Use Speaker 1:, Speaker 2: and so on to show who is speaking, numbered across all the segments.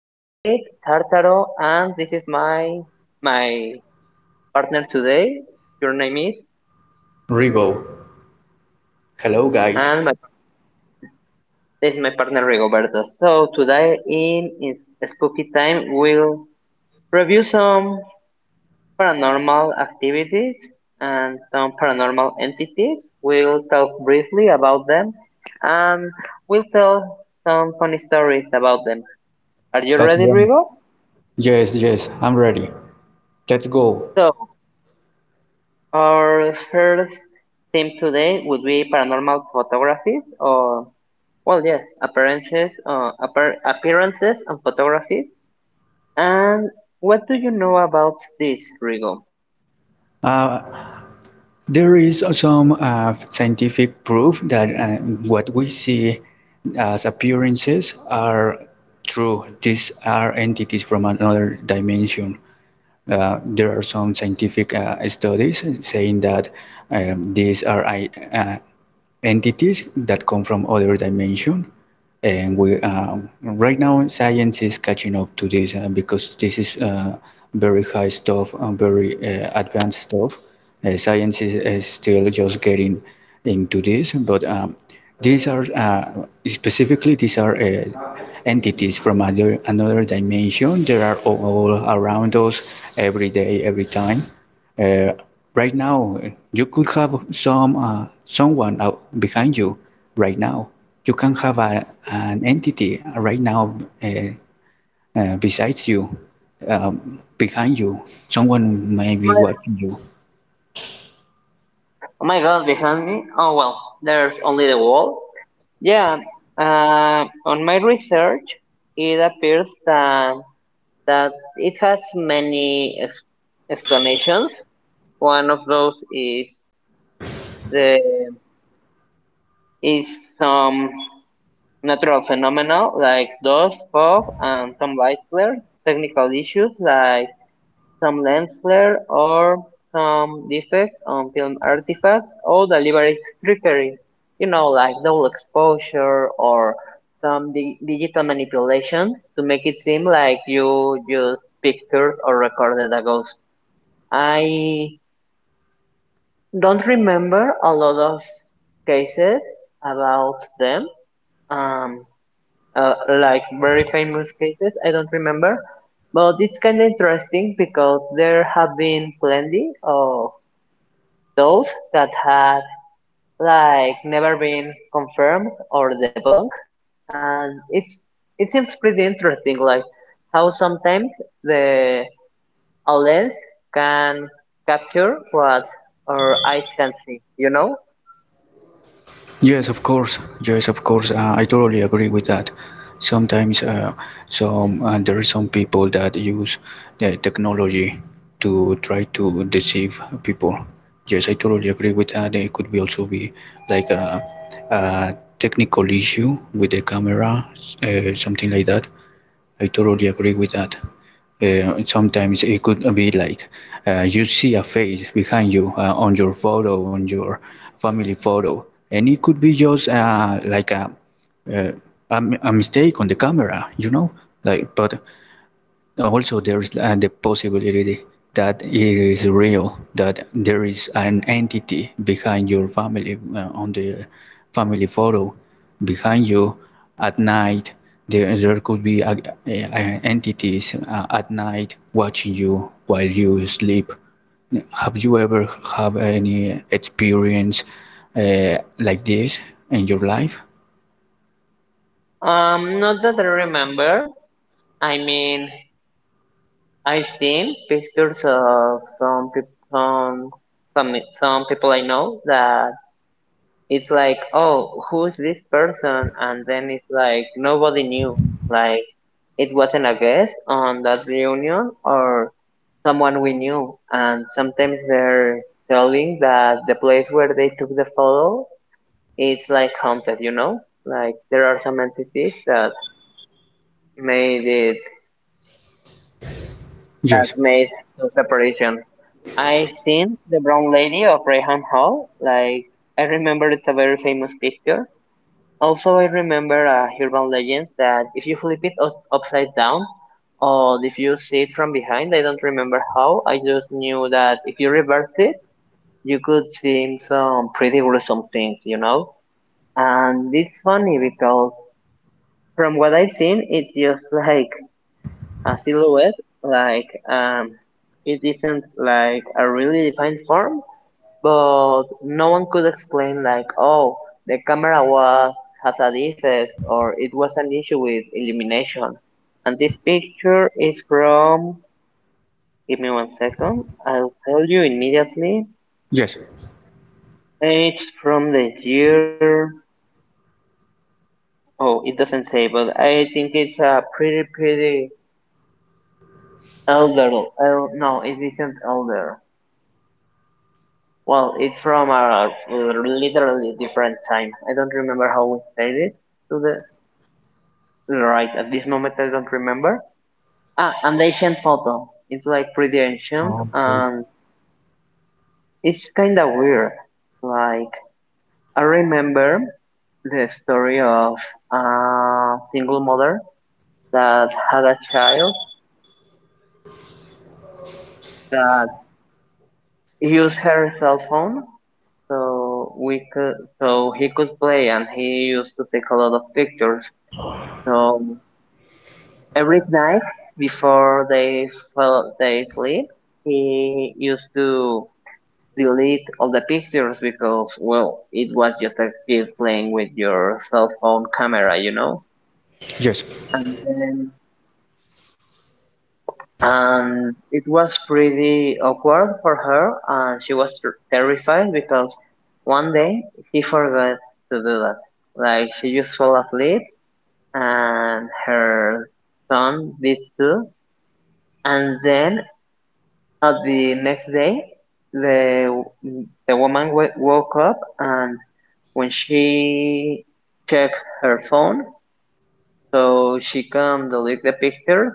Speaker 1: Tartaro, and this is my partner today. Your name is
Speaker 2: Rivo. Hello, guys.
Speaker 1: and my this is my partner Rigoberto. So today in is Spooky Time we'll review some paranormal activities and some paranormal entities. We'll talk briefly about them, and we'll tell some funny stories about them. Are you
Speaker 2: That's
Speaker 1: ready,
Speaker 2: one.
Speaker 1: Rigo?
Speaker 2: Yes, yes, I'm ready. Let's go.
Speaker 1: So Our first theme today would be paranormal photographies, or well, yes, appearances, appearances and photographies. And what do you know about this, Rigo? Oh
Speaker 2: Uh, there is some scientific proof that what we see as appearances are true. These are entities from another dimension. There are some scientific studies saying that these are uh, entities that come from other dimension. And we right now science is catching up to this because this is very high stuff and very advanced stuff. Science is still just getting into this, but these are specifically these are entities from other another dimension. They are all around us every day, every time. uh, right now you could have some someone out behind you right now. You can have an entity right now, uh, besides you, behind you. Someone may be
Speaker 1: my,
Speaker 2: watching you.
Speaker 1: oh my God, behind me! Oh well, there's only the wall. Yeah. On my research, it appears that that it has many explanations. One of those is the is some natural phenomena like dust, fog, and some light flares. Technical issues like some lens flare or some defect on film artifacts, or deliberate trickery. You know, like double exposure or some digital manipulation to make it seem like you used pictures or recorded a ghost. I don't remember a lot of cases about them. Um, uh, like very famous cases. I don't remember, but it's kind of interesting because there have been plenty of those that had like never been confirmed or debunked, and it seems pretty interesting, like how sometimes the a lens can capture what our eyes can see.
Speaker 2: Yes, of course. Yes, of course. I totally agree with that. Sometimes, some there are some people that use the technology to try to deceive people. Yes, I totally agree with that. It could be also be like a technical issue with the camera, something like that. I totally agree with that. Sometimes it could be like you see a face behind you on your photo, on your family photo, and it could be just like uh, a mistake on the camera, you know. Like, but also there is the possibility that it is real, that there is an entity behind your family, on the family photo, behind you at night. There could be entities at night watching you while you sleep. Have you ever have any experience like this in your life?
Speaker 1: Not that I remember. I mean, I've seen pictures of some people, some people I know that it's like, oh, who is this person? And then it's like nobody knew. Like it wasn't a guest on that reunion or someone we knew. And sometimes they're telling that the place where they took the photo, it's like haunted, you know? Like there are some entities that made it, that
Speaker 2: Yes.
Speaker 1: made the separation. I've seen the Brown Lady of Rayham Hall. Like I remember, it's a very famous picture. Also, I remember a urban legend that if you flip it upside down, or if you see it from behind, I don't remember how. I just knew that if you reverse it, you could see some pretty gruesome things, you know. And it's funny because from what I've seen, it's just like a silhouette, like it isn't like a really defined form, but no one could explain like, oh, the camera was has a defect, or it was an issue with illumination. And this picture is from. Give me one second. I'll tell you immediately.
Speaker 2: Yes.
Speaker 1: It's from the year. Oh, it doesn't say, but I think it's a pretty, pretty elder. El, no, it isn't elder. Well, it's from a literally different time. I don't remember how we said it to the Right, at this moment I don't remember. Ah, and the ancient photo. It's like pretty ancient, and it's kinda weird. Like, I remember the story of a single mother that had a child that used her cell phone so so he could play, and he used to take a lot of pictures. So every night before they sleep, he used to delete all the pictures, because well it was just a kid playing with your cell phone camera, you know.
Speaker 2: Yes.
Speaker 1: And then and it was pretty awkward for her, and she was terrified because one day he forgot to do that, like she just fell asleep and her son did too. And then at the next day, the the woman woke up, and when she checked her phone, so she can delete the pictures,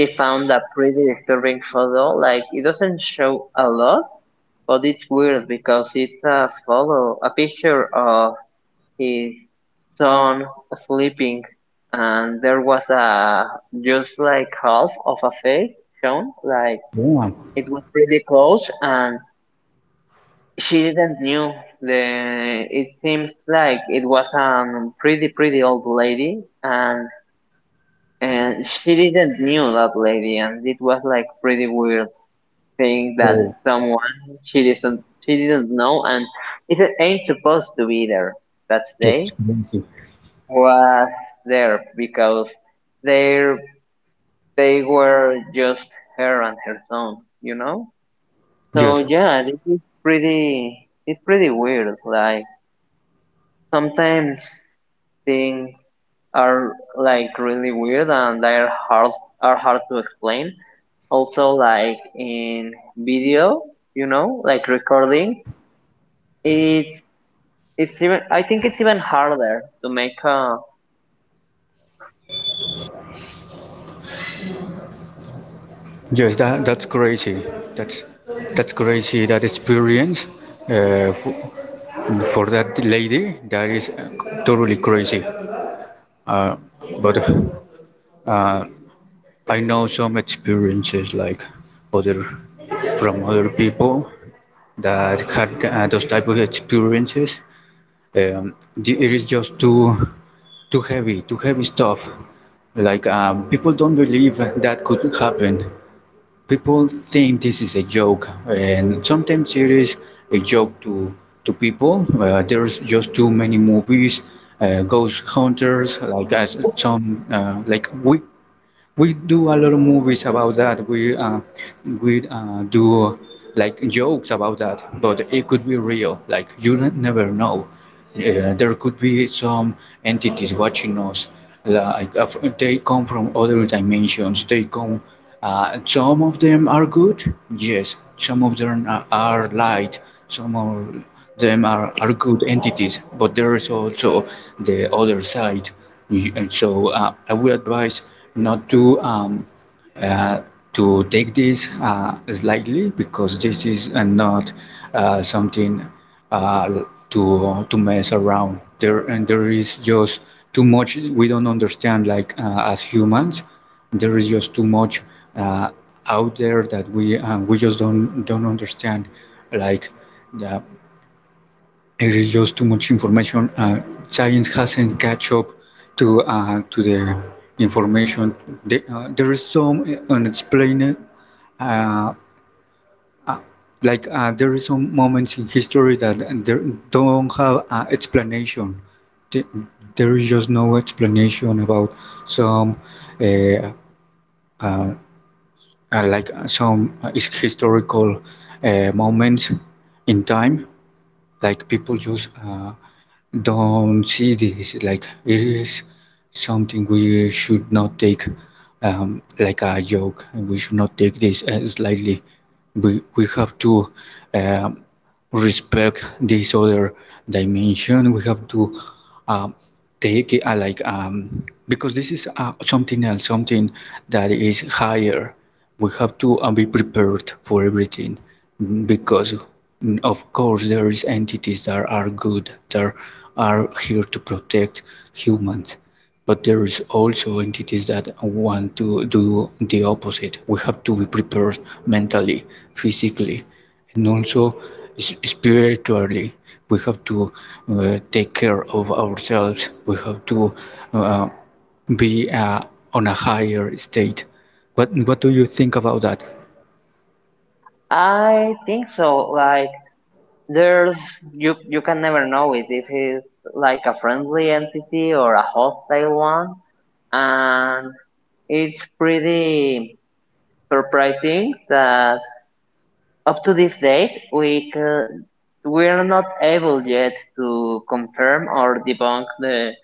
Speaker 1: she found a pretty disturbing photo. Like it doesn't show a lot, but it's weird because it's a photo, a picture of his son sleeping, and there was a just like half of a face shown, like
Speaker 2: Yeah.
Speaker 1: it was pretty close. And she didn't knew. It seems like it was a pretty, pretty old lady, and she didn't knew that lady, and it was like pretty weird thing that someone she didn't know, and it ain't supposed to be there that day was there because they they were just her and her son, you know. So
Speaker 2: Yes.
Speaker 1: yeah, this is pretty. It's pretty weird, like. Sometimes things are like really weird and they're hard are hard to explain. Also, like in video, you know, like recordings, it's it's even I think it's even harder to make a.
Speaker 2: Yes, that's crazy. That's that's crazy. That experience uh, for, for that lady, that is totally crazy. Uh, but uh, I know some experiences like other from other people that had those type of experiences. It is just too too heavy stuff. Like people don't believe that could happen. People think this is a joke, and sometimes it is a joke to people. There's just too many movies, ghost hunters. Like as some like we do a lot of movies about that. We do like jokes about that, but it could be real. Like you never know. There could be some entities watching us. Like they come from other dimensions. They come. Some of them are good. Yes. Some of them are light. Some of them are good entities. But there is also the other side. And so I would advise not to uh, to take this as lightly, because this is not something uh, to mess around. There and there is just too much we don't understand. Like as humans, there is just too much uh, out there that we just don't understand. Like the there is just too much information. Science hasn't catch up to the information. There is some unexplained, uh, like there is some moments in history that there don't have explanation. The- There is just no explanation about some, uh, uh, like some historical moments in time. Like people just. Don't see this. Like it is something we should not take like a joke. We should not take this as lightly. We have to um, respect this other dimension. We have to um, take it because this is something else, something that is higher. We have to be prepared for everything, because, of course, there is entities that are good, that are here to protect humans, but there is also entities that want to do the opposite. We have to be prepared mentally, physically, and also spiritually. We have to take care of ourselves. We have to uh, be on a higher state. What do you think about that?
Speaker 1: I think so. Like there's you can never know it if it's like a friendly entity or a hostile one, and it's pretty surprising that up to this date, we are not able yet to confirm or debunk the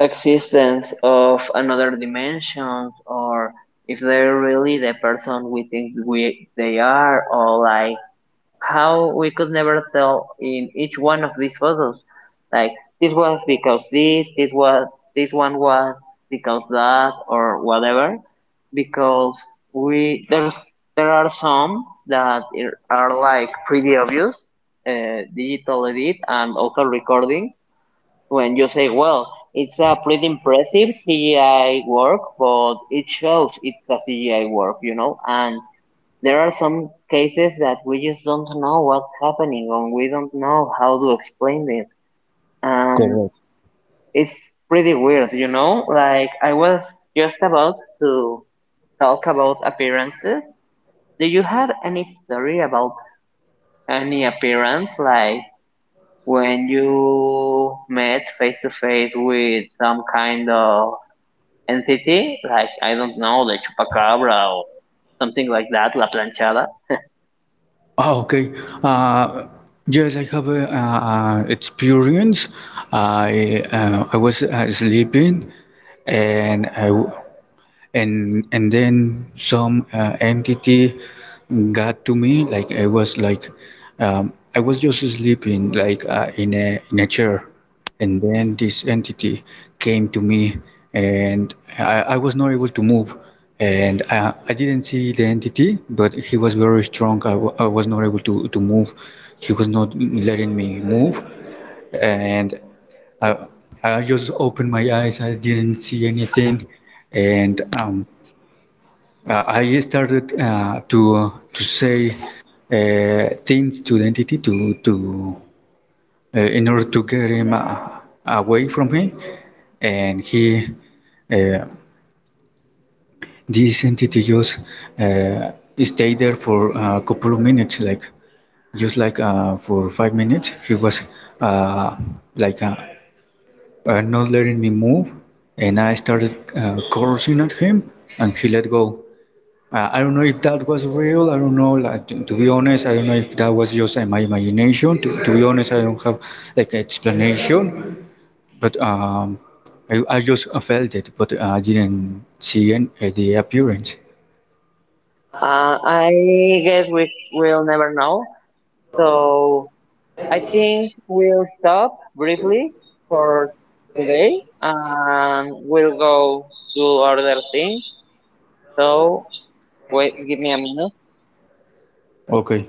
Speaker 1: existence of another dimension, or if they're really the person we think we they are, or like how we could never tell in each one of these photos. Like this, this was this one was because that or whatever. Because we there's there are some that are like pretty obvious, digital edit, and also recording. When you say, well, it's a pretty impressive CGI work, but it shows it's a CGI work, you know, and there are some cases that we just don't know what's happening and we don't know how to explain it. And
Speaker 2: Correct.
Speaker 1: it's pretty weird, you know? Like, I was just about to talk about appearances. Do you have any story about any appearance? Like, when you met face to face with some kind of entity? Like, I don't know, the chupacabra or something like that, la planchada?
Speaker 2: Oh, okay. Uh, yes, I have a, experience. I was sleeping, and I w- and then some entity got to me. I was just sleeping, like in a chair, and then this entity came to me, I was not able to move, I didn't see the entity, but he was very strong. I was not able to move. He was not letting me move, and I, I just opened my eyes. I didn't see anything, and I started to say things to the entity to in order to get him away from me, and he uh, this entity just uh, stayed there for a couple of minutes, like just like for 5 minutes. He was uh, like uh, not letting me move, and I started cursing at him, and he let go. I don't know if that was real. I don't know. Like to be honest, I don't know if that was just my imagination. To be honest, I don't have like explanation. But I just felt it, but I didn't see the appearance.
Speaker 1: I guess we will never know. So I think we'll stop briefly for today, and we'll go do other things. So wait, give me a minute.
Speaker 2: Okay.